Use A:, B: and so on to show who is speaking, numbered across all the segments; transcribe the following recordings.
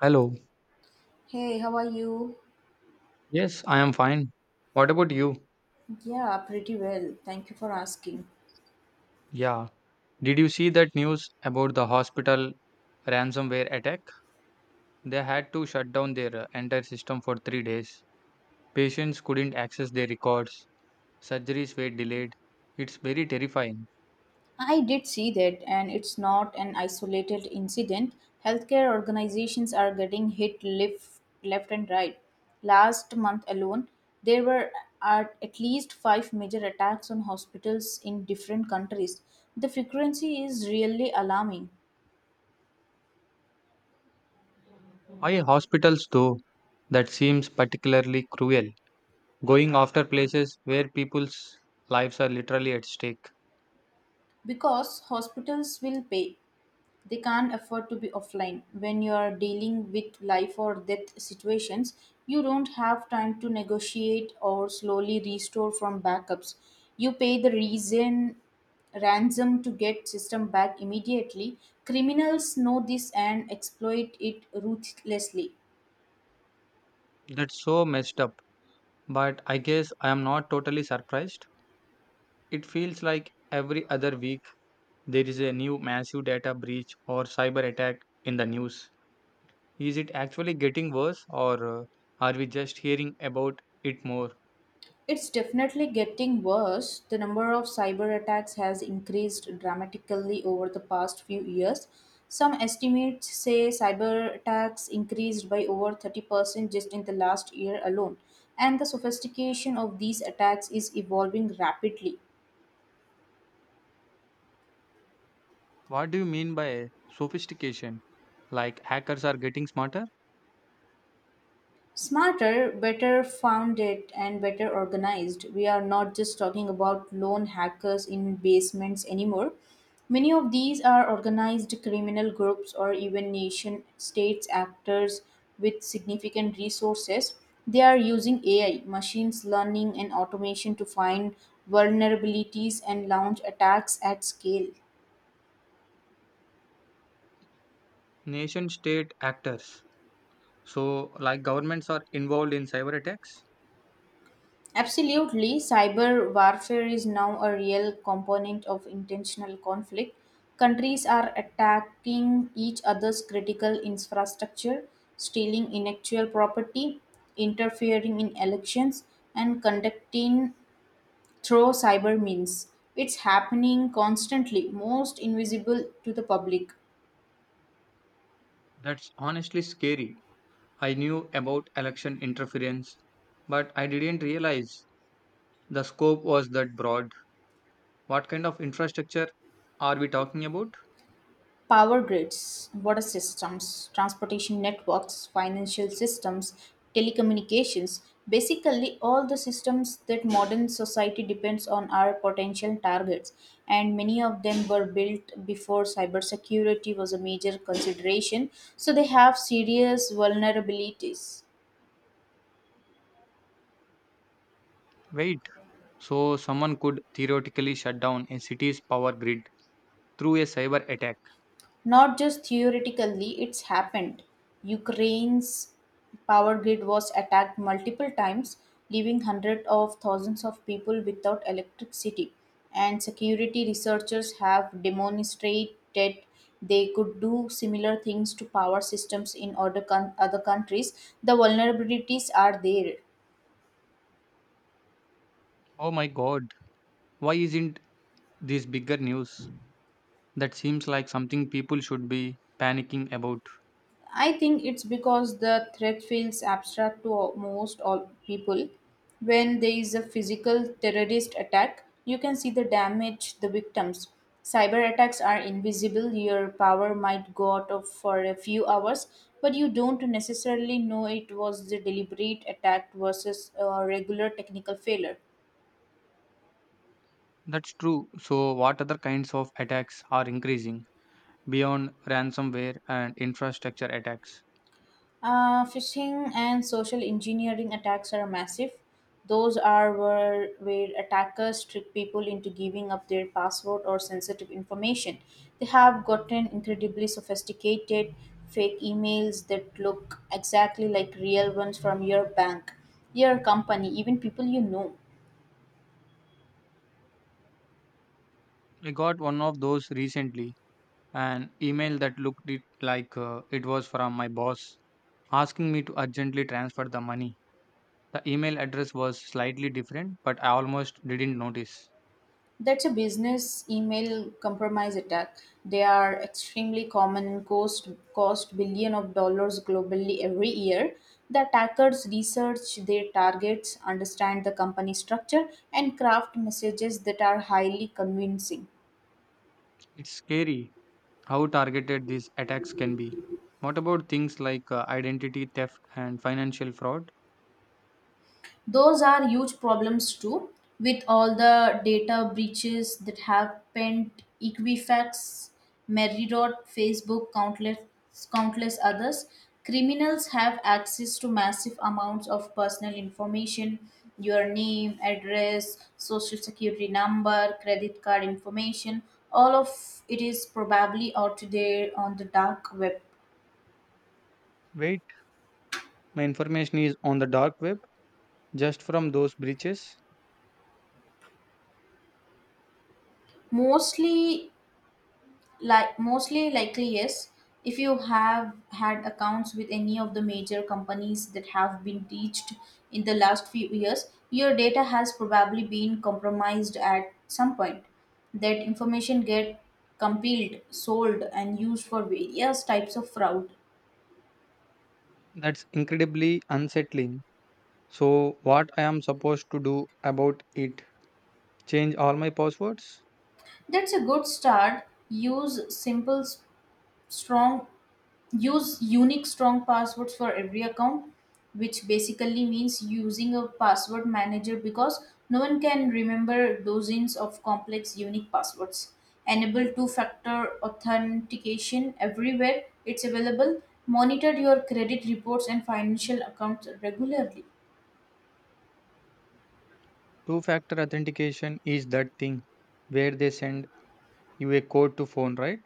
A: Hello.
B: Hey, how are you?
A: Yes, I am fine. What about you?
B: Yeah, pretty well. Thank you for asking.
A: Yeah. Did you see that news about the hospital ransomware attack? They had to shut down their entire system for 3 days. Patients couldn't access their records. Surgeries were delayed. It's very terrifying.
B: I did see that, and it's not an isolated incident. Healthcare organizations are getting hit left and right. Last month alone, there were at least five major attacks on hospitals in different countries. The frequency is really alarming
A: Why hospitals though? That seems particularly cruel. Going after places where people's lives are literally at stake.
B: because hospitals will pay. They can't afford to be offline. When you're dealing with life or death situations, you don't have time to negotiate or slowly restore from backups. You pay the reason ransom to get system back immediately. Criminals know this and exploit it ruthlessly.
A: That's so messed up. But I guess I am not totally surprised. It feels like every other week there is a new massive data breach or cyber attack in the news. Is it actually getting worse, or are we just hearing about it more?
B: It's definitely getting worse. The number of cyber attacks has increased dramatically over the past few years. Some estimates say cyber attacks increased by over 30% just in the last year alone. And the sophistication of these attacks is evolving rapidly.
A: What do you mean by sophistication? Like hackers are getting smarter?
B: Smarter, better founded, and better organized. We are not just talking about lone hackers in basements anymore. Many of these are organized criminal groups or even nation states actors with significant resources. They are using AI, machines learning, and automation to find vulnerabilities and launch attacks at scale.
A: Nation state actors. So, like governments are involved in cyber attacks?
B: Absolutely, cyber warfare is now a real component of intentional conflict. Countries are attacking each other's critical infrastructure, stealing intellectual property, interfering in elections, and conducting through cyber means. It's happening constantly, most invisible to the public.
A: That's honestly scary. I knew about election interference, but I didn't realize the scope was that broad. What kind of infrastructure are we talking about?
B: Power grids, water systems, transportation networks, financial systems, telecommunications, basically all the systems that modern society depends on are potential targets, and many of them were built before cybersecurity was a major consideration, so they have serious vulnerabilities.
A: Wait, so someone could theoretically shut down a city's power grid through a cyber attack.
B: Not just theoretically, it's happened. Ukraine's power grid was attacked multiple times, leaving hundreds of thousands of people without electricity. And security researchers have demonstrated they could do similar things to power systems in other countries. The vulnerabilities are there.
A: Oh my god, why isn't this bigger news? That seems like something people should be panicking about.
B: I think it's because the threat feels abstract to most all people. When there is a physical terrorist attack, you can see the damage, the victims. Cyber attacks are invisible. Your power might go out of for a few hours, but you don't necessarily know it was the deliberate attack versus a regular technical failure.
A: That's true. So, what other kinds of attacks are increasing beyond ransomware and infrastructure attacks?
B: Phishing and social engineering attacks are massive. Those are where attackers trick people into giving up their password or sensitive information. They have gotten incredibly sophisticated fake emails that look exactly like real ones from your bank, your company, even people you know.
A: I got one of those recently, an email that looked it like it was from my boss asking me to urgently transfer the money. The email address was slightly different, but I almost didn't notice.
B: That's a business email compromise attack. They are extremely common and cost billion of dollars globally every year. The attackers research their targets, understand the company structure, and craft messages that are highly convincing.
A: It's scary how targeted these attacks can be. What about things like identity theft and financial fraud?
B: Those are huge problems too. With all the data breaches that happened, Equifax, Meridot, Facebook, countless others, criminals have access to massive amounts of personal information: your name, address, social security number, credit card information. All of it is probably out there on the dark web.
A: Wait, my information is on the dark web just from those breaches?
B: Mostly like mostly likely, yes. If you have had accounts with any of the major companies that have been breached in the last few years, your data has probably been compromised at some point. That information get compiled, sold, and used for various types of fraud.
A: That's incredibly unsettling. So, what I am supposed to do about it? Change all my passwords?
B: That's a good start. Use simple strong, use unique strong passwords for every account, which basically means using a password manager because no one can remember dozens of complex unique passwords. Enable two factor authentication everywhere it's available. Monitor your credit reports and financial accounts regularly.
A: Two factor authentication, is that thing where they send you a code to phone, right?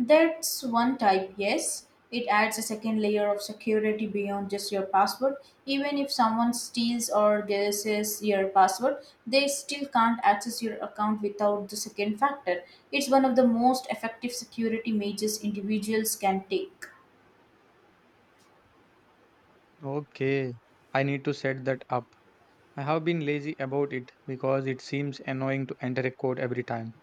B: That's one type, yes. It adds a second layer of security beyond just your password. Even if someone steals or guesses your password, they still can't access your account without the second factor. It's one of the most effective security measures individuals can take.
A: Okay, I need to set that up. I have been lazy about it because it seems annoying to enter a code every time.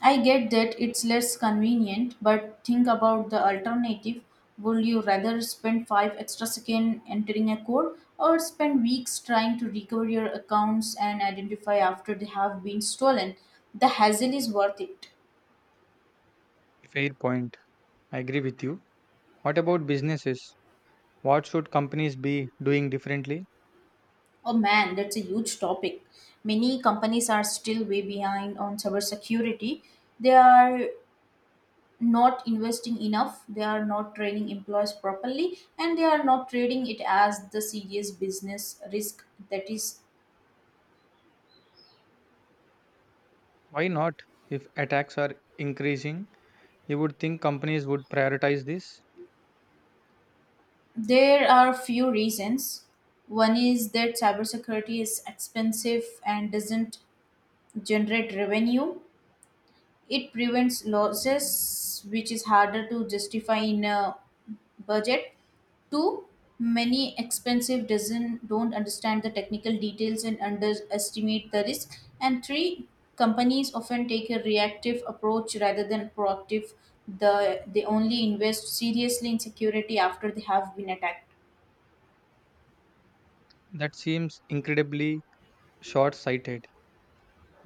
B: I get that it's less convenient, but think about the alternative. Would you rather spend 5 extra seconds entering a code or spend weeks trying to recover your accounts and identify after they have been stolen? The hassle is worth it.
A: Fair point. I agree with you. What about businesses? What should companies be doing differently?
B: Oh man, that's a huge topic. Many companies are still way behind on cybersecurity. They are not investing enough, they are not training employees properly, and they are not treating it as the serious business risk that is.
A: Why not? If attacks are increasing, you would think companies would prioritize this.
B: There are few reasons. One is that cybersecurity is expensive and doesn't generate revenue. It prevents losses, which is harder to justify in a budget. Two, many expensive doesn't don't understand the technical details and underestimate the risk. And three, companies often take a reactive approach rather than proactive. They only invest seriously in security after they have been attacked.
A: That seems incredibly short sighted.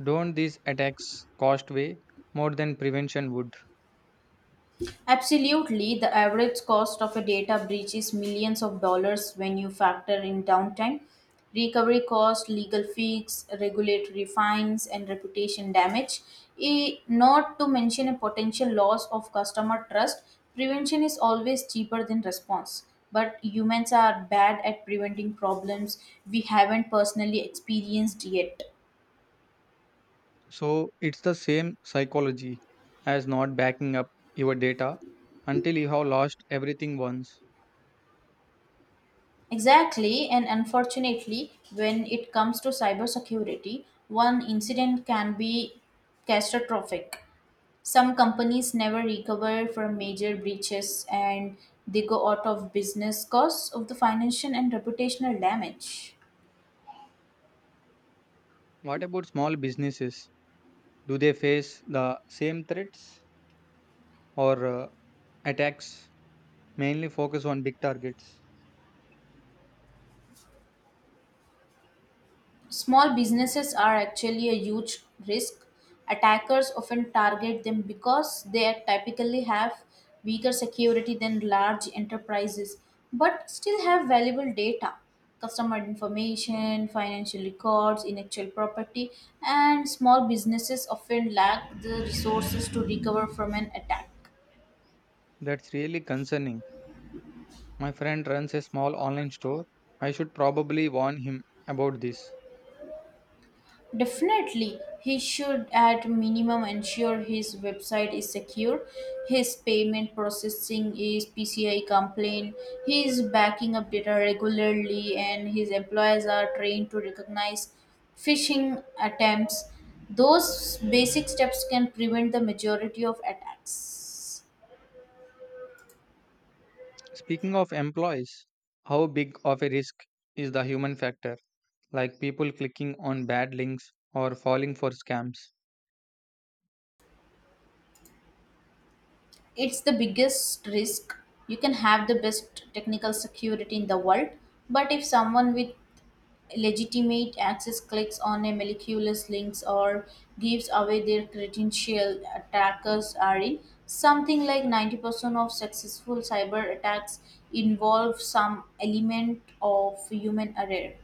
A: Don't these attacks cost way more than prevention would?
B: Absolutely, the average cost of a data breach is millions of dollars when you factor in downtime, recovery cost, legal fees, regulatory fines, and reputation damage. Not to mention a potential loss of customer trust, prevention is always cheaper than response. But humans are bad at preventing problems we haven't personally experienced yet.
A: So it's the same psychology as not backing up your data until you have lost everything once.
B: Exactly, and unfortunately, when it comes to cybersecurity, one incident can be catastrophic. Some companies never recover from major breaches and they go out of business because of the financial and reputational damage.
A: What about small businesses? Do they face the same threats, or attacks? Mainly focus on big targets.
B: Small businesses are actually a huge risk. Attackers often target them because they typically have weaker security than large enterprises, but still have valuable data, customer information, financial records, intellectual property, and small businesses often lack the resources to recover from an attack.
A: That's really concerning. My friend runs a small online store. I should probably warn him about this.
B: Definitely, he should at minimum ensure his website is secure, his payment processing is PCI compliant, he is backing up data regularly, and his employees are trained to recognize phishing attempts. Those basic steps can prevent the majority of attacks.
A: Speaking of employees, how big of a risk is the human factor, like people clicking on bad links or falling for scams?
B: It's the biggest risk. You can have the best technical security in the world, but if someone with legitimate access clicks on a miraculous links or gives away their credential, attackers are in. Something like 90% of successful cyber attacks involve some element of human error.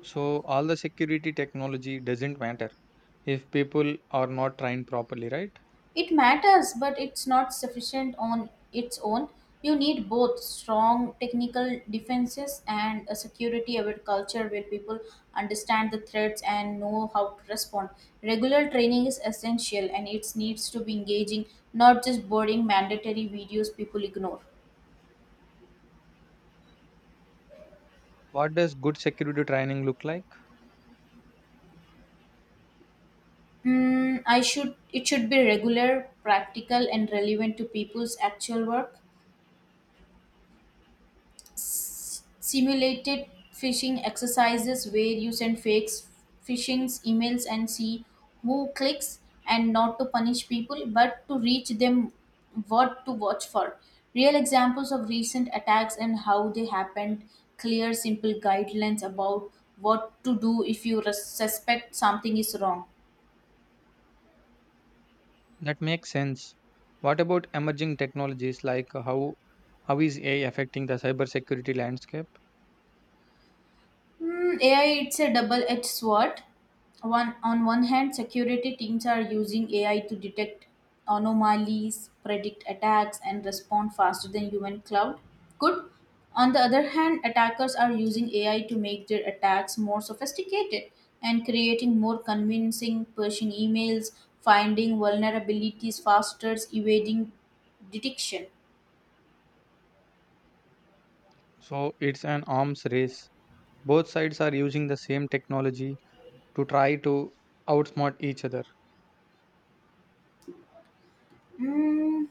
A: So, all the security technology doesn't matter if people are not trained properly, right?
B: It matters, but it's not sufficient on its own. You need both strong technical defenses and a security aware culture where people understand the threats and know how to respond. Regular training is essential and it needs to be engaging, not just boring mandatory videos people ignore.
A: What does good security training look like?
B: I should it should be regular, practical and relevant to people's actual work. Simulated phishing exercises where you send fake phishing emails and see who clicks, and not to punish people but to reach them what to watch for. Real examples of recent attacks and how they happened. Clear simple guidelines about what to do if you suspect something is wrong.
A: That makes sense. What about emerging technologies, like how is AI affecting the cybersecurity landscape?
B: AI, it's a double-edged sword. One on one hand, security teams are using AI to detect anomalies, predict attacks, and respond faster than human cloud could. On the other hand, attackers are using AI to make their attacks more sophisticated and creating more convincing phishing emails, finding vulnerabilities faster, evading detection.
A: So, it's an arms race. Both sides are using the same technology to try to outsmart each other.
B: Hmm.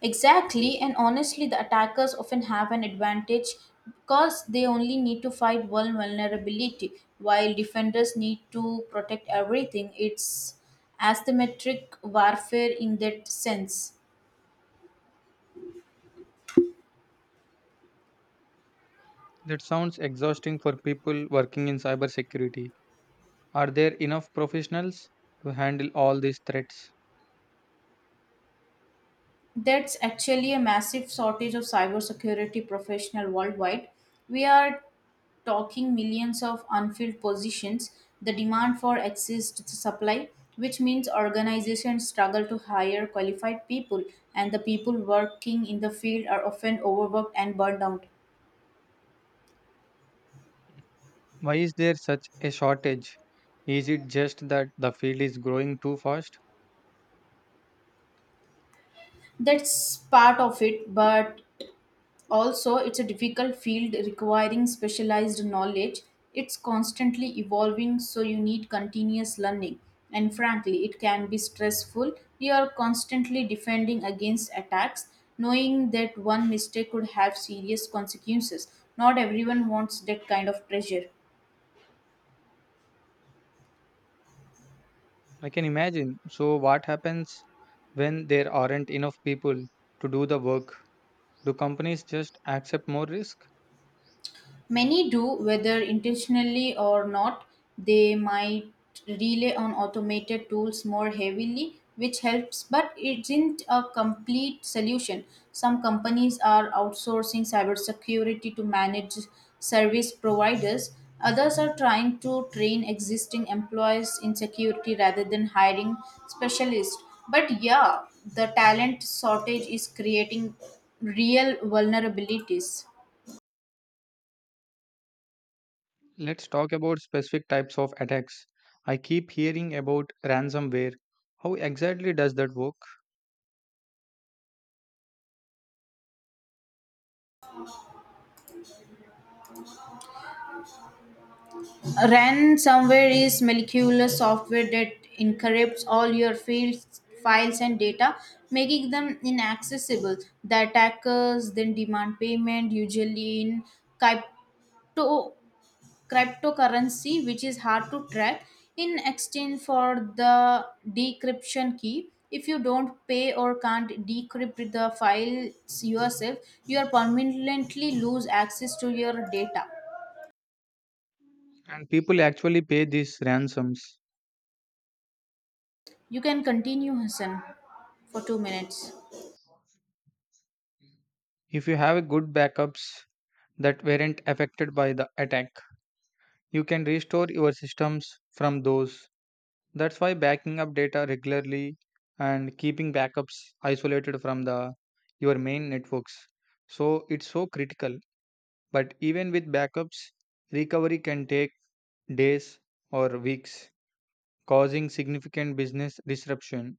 B: Exactly, and honestly, the attackers often have an advantage because they only need to fight one vulnerability, while defenders need to protect everything. It's asymmetric warfare in that sense.
A: That sounds exhausting for people working in cybersecurity. Are there enough professionals to handle all these threats?
B: That's actually a massive shortage of cybersecurity professional worldwide. We are talking millions of unfilled positions, the demand for exceeds the supply, which means organizations struggle to hire qualified people, and the people working in the field are often overworked and burned out.
A: Why is there such a shortage? Is it just that the field is growing too fast?
B: That's part of it, but also, it's a difficult field requiring specialized knowledge. It's constantly evolving, so you need continuous learning. And frankly, it can be stressful. You are constantly defending against attacks, knowing that one mistake could have serious consequences. Not everyone wants that kind of pressure.
A: I can imagine. So, what happens when there aren't enough people to do the work? Do companies just accept more risk?
B: Many do, whether intentionally or not. They might rely on automated tools more heavily, which helps, but it isn't a complete solution. Some companies are outsourcing cybersecurity to manage service providers. Others are trying to train existing employees in security rather than hiring specialists. But yeah, the talent shortage is creating real vulnerabilities.
A: Let's talk about specific types of attacks. I keep hearing about ransomware. How exactly does that work?
B: Ransomware is molecular software that encrypts all your files and data, making them inaccessible. The attackers then demand payment, usually in crypto, cryptocurrency, which is hard to track, in exchange for the decryption key. If you don't pay or can't decrypt the files yourself, you are permanently lose access to your data.
A: And people actually pay these ransoms.
B: You can continue, Hassan, for 2 minutes.
A: If you have good backups that weren't affected by the attack, you can restore your systems from those. That's why backing up data regularly and keeping backups isolated from the your main networks. So it's so critical. But even with backups, recovery can take days or weeks, causing significant business disruption.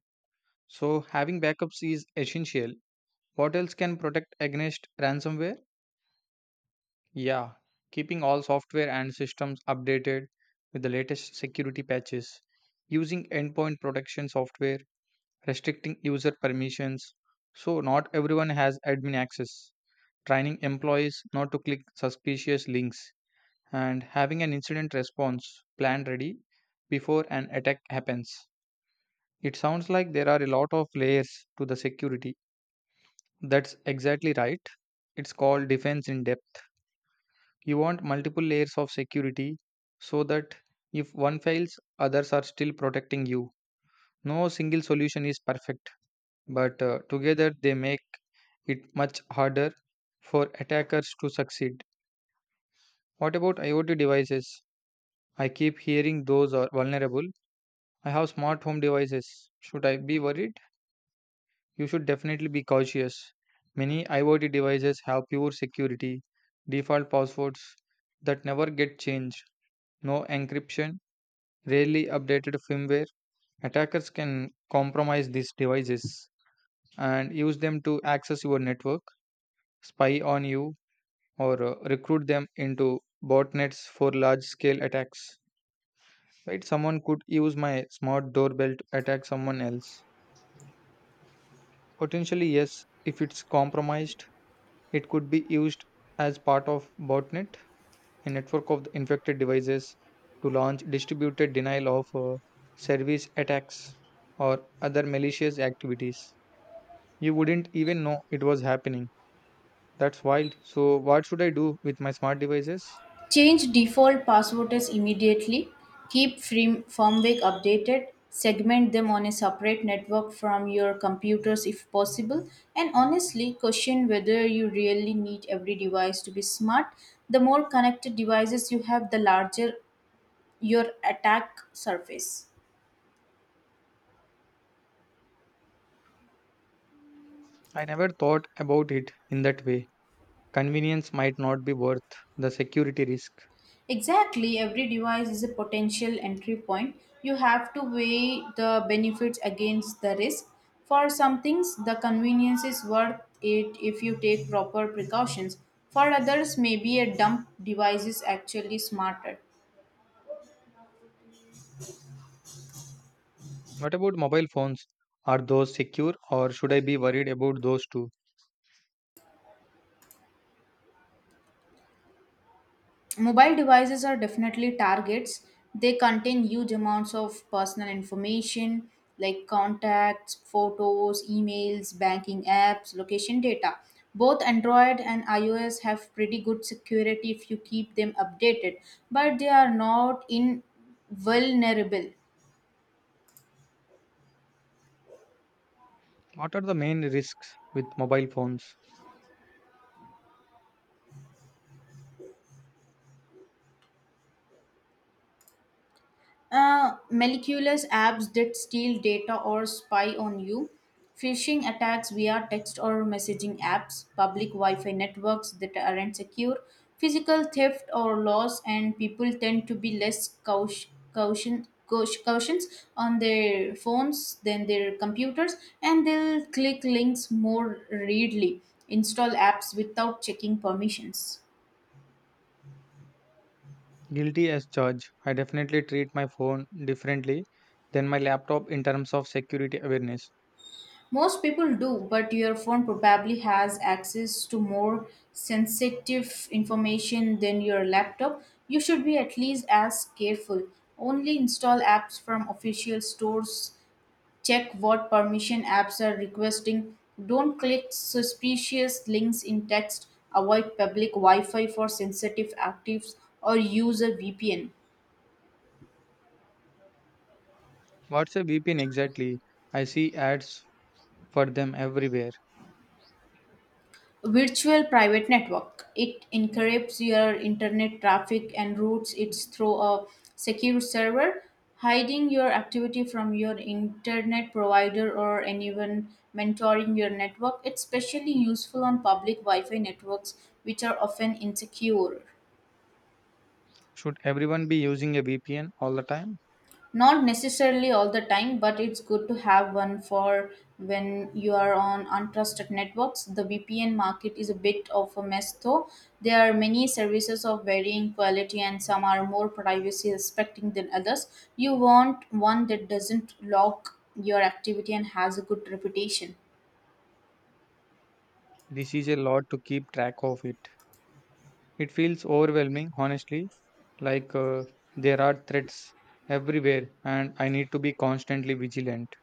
A: So having backups is essential. What else can protect against ransomware? Yeah, keeping all software and systems updated with the latest security patches, using endpoint protection software, restricting user permissions so not everyone has admin access, training employees not to click suspicious links, and having an incident response plan ready before an attack happens. It sounds like there are a lot of layers to the security. That's exactly right. It's called defense in depth. You want multiple layers of security so that if one fails, others are still protecting you. No single solution is perfect, but together they make it much harder for attackers to succeed. What about IoT devices? I keep hearing those are vulnerable. I have smart home devices. Should I be worried? You should definitely be cautious. Many IoT devices have pure security, default passwords that never get changed, no encryption, rarely updated firmware. Attackers can compromise these devices and use them to access your network, spy on you, or recruit them into botnets for large scale attacks. Right? Someone could use my smart doorbell to attack someone else. Potentially, yes, if it's compromised, it could be used as part of botnet, a network of the infected devices to launch distributed denial of service attacks or other malicious activities. You wouldn't even know it was happening. That's wild. So, what should I do with my smart devices?
B: Change default passwords immediately. Keep free firmware updated. Segment them on a separate network from your computers if possible. And honestly, question whether you really need every device to be smart. The more connected devices you have, the larger your attack surface.
A: I never thought about it in that way. Convenience might not be worth the security risk.
B: Exactly, every device is a potential entry point. You have to weigh the benefits against the risk. For some things, the convenience is worth it if you take proper precautions. For others, maybe a dumb device is actually smarter.
A: What about mobile phones? Are those secure, or should I be worried about those too?
B: Mobile devices are definitely targets. They contain huge amounts of personal information like contacts, photos, emails, banking apps, location data. Both Android and iOS have pretty good security if you keep them updated, but they are not invulnerable.
A: What are the main risks with mobile phones?
B: Malicious apps that steal data or spy on you, phishing attacks via text or messaging apps, public Wi Fi networks that aren't secure, physical theft or loss, and people tend to be less cautious on their phones than their computers, and they'll click links more readily, install apps without checking permissions.
A: Guilty as charged. I definitely treat my phone differently than my laptop in terms of security awareness.
B: Most people do, but your phone probably has access to more sensitive information than your laptop. You should be at least as careful. Only install apps from official stores. Check what permission apps are requesting. Don't click suspicious links in text. Avoid public Wi Fi for sensitive actives or use a VPN.
A: What's a VPN exactly? I see ads for them everywhere.
B: Virtual private network. It encrypts your internet traffic and routes it through a secure server, hiding your activity from your internet provider or anyone mentoring your network. It's especially useful on public Wi Fi networks, which are often insecure.
A: Should everyone be using a VPN all the time?
B: Not necessarily all the time, but it's good to have one for when you are on untrusted networks. The VPN market is a bit of a mess though. There are many services of varying quality and some are more privacy respecting than others. You want one that doesn't log your activity and has a good reputation.
A: This is a lot to keep track of it. It feels overwhelming, honestly, like there are threats everywhere and I need to be constantly vigilant.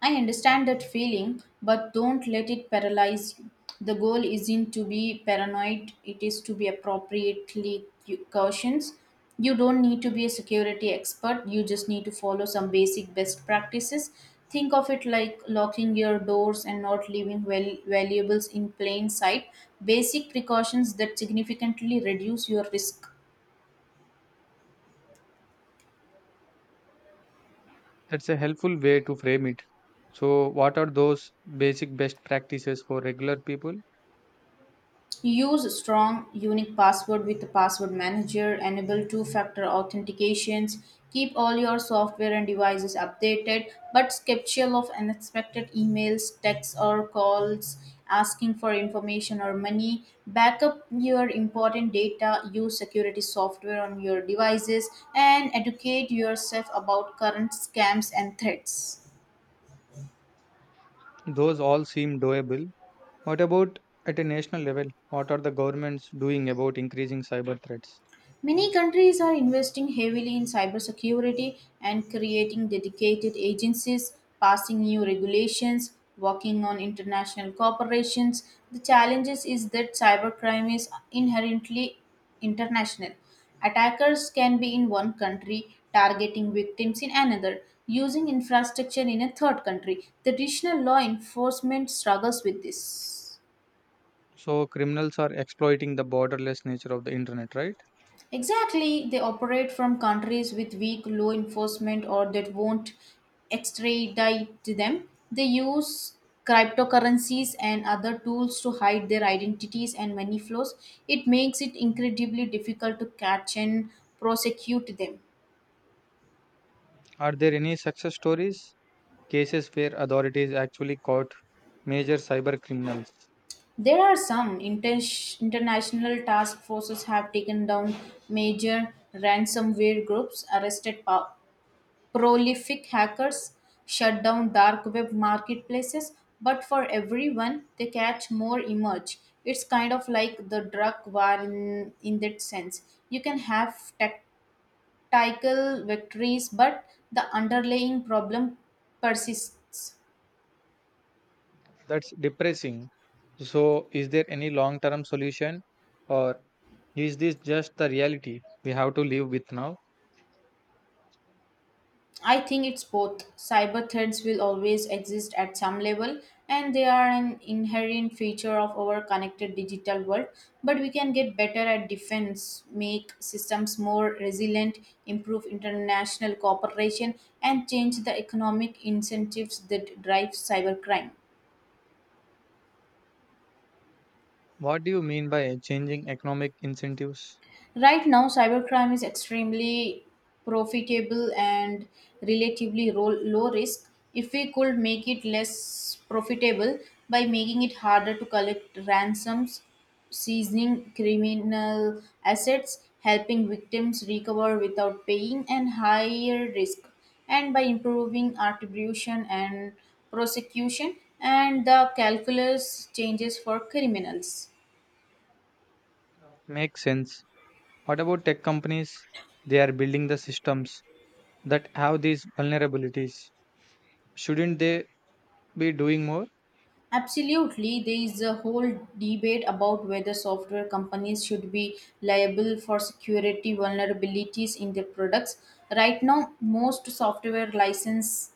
B: I understand that feeling, but don't let it paralyze you. The goal isn't to be paranoid, it is to be appropriately cautious. You don't need to be a security expert, you just need to follow some basic best practices. Think of it like locking your doors and not leaving valuables in plain sight, basic precautions that significantly reduce your risk.
A: That's a helpful way to frame it. So, what are those basic best practices for regular people?
B: Use strong, unique password with the password manager, enable two-factor authentications, keep all your software and devices updated, but skeptical of unexpected emails, texts or calls asking for information or money, backup your important data, use security software on your devices and educate yourself about current scams and threats.
A: Those all seem doable. What about at a national level? What are the governments doing about increasing cyber threats?
B: Many countries are investing heavily in cybersecurity and creating dedicated agencies, passing new regulations, working on international cooperations. The challenges is that cybercrime is inherently international. Attackers can be in one country targeting victims in another, using infrastructure in a third country. The traditional law enforcement struggles with this.
A: So, criminals are exploiting the borderless nature of the internet, right?
B: Exactly, they operate from countries with weak law enforcement or that won't extradite them. They use cryptocurrencies and other tools to hide their identities and money flows. It makes it incredibly difficult to catch and prosecute them.
A: Are there any success stories? Cases where authorities actually caught major cyber criminals?
B: There are some international task forces have taken down major ransomware groups, arrested prolific hackers, shut down dark web marketplaces, but for everyone, they catch more emerge. It's kind of like the drug war in that sense. You can have tactical victories, but the underlying problem persists.
A: That's depressing. So, is there any long term solution, or is this just the reality we have to live with now?
B: I think it's both. Cyber threats will always exist at some level, and they are an inherent feature of our connected digital world. But we can get better at defense, make systems more resilient, improve international cooperation, and change the economic incentives that drive cybercrime.
A: What do you mean by changing economic incentives?
B: Right now, cybercrime is extremely profitable and relatively low risk. If we could make it less profitable by making it harder to collect ransoms, seizing criminal assets, helping victims recover without paying, and higher risk, and by improving attribution and prosecution, and the calculus changes for criminals.
A: Makes sense. What about tech companies? They are building the systems that have these vulnerabilities. Shouldn't they be doing more?
B: Absolutely, there is a whole debate about whether software companies should be liable for security vulnerabilities in their products. Right now, most software license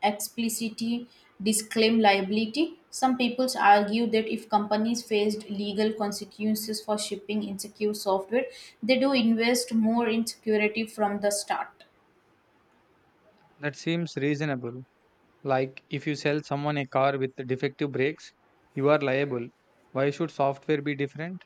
B: explicitly disclaim liability. Some people argue that if companies faced legal consequences for shipping insecure software, they do invest more in security from the start.
A: That seems reasonable. Like if you sell someone a car with defective brakes, you are liable. Why should software be different?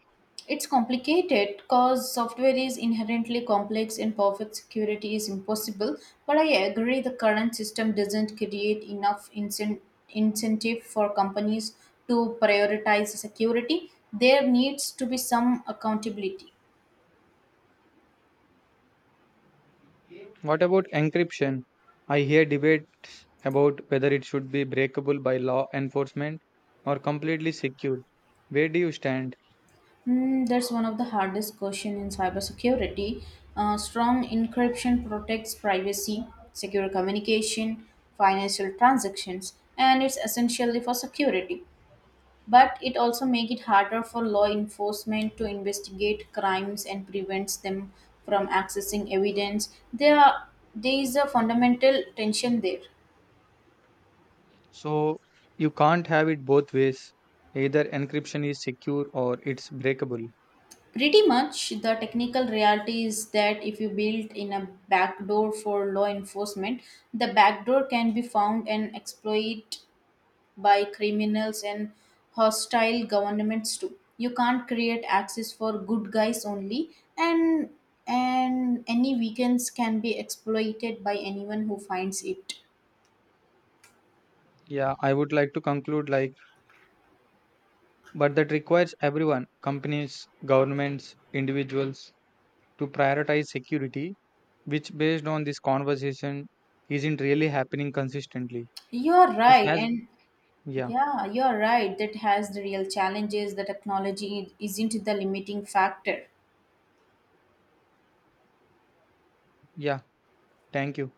B: It's complicated because software is inherently complex and perfect security is impossible. But I agree the current system doesn't create enough incentive for companies to prioritize security. There needs to be some accountability.
A: What about encryption? I hear debates about whether it should be breakable by law enforcement or completely secure. Where do you stand?
B: Mm, that's one of the hardest question in cybersecurity. Strong encryption protects privacy, secure communication, financial transactions, and it's essentially for security, but it also makes it harder for law enforcement to investigate crimes and prevents them from accessing evidence. There is a fundamental tension there.
A: So you can't have it both ways. Either encryption is secure or it's breakable.
B: Pretty much the technical reality is that if you build in a backdoor for law enforcement, the backdoor can be found and exploited by criminals and hostile governments too. You can't create access for good guys only, and any weekends can be exploited by anyone who finds it.
A: Yeah, I would like to conclude like, but that requires everyone, companies, governments, individuals, to prioritize security, which based on this conversation isn't really happening consistently.
B: You're
A: This
B: right,
A: has
B: and
A: yeah,
B: yeah, you're right. That has the real challenges. The technology isn't the limiting factor.
A: yeah. Thank you.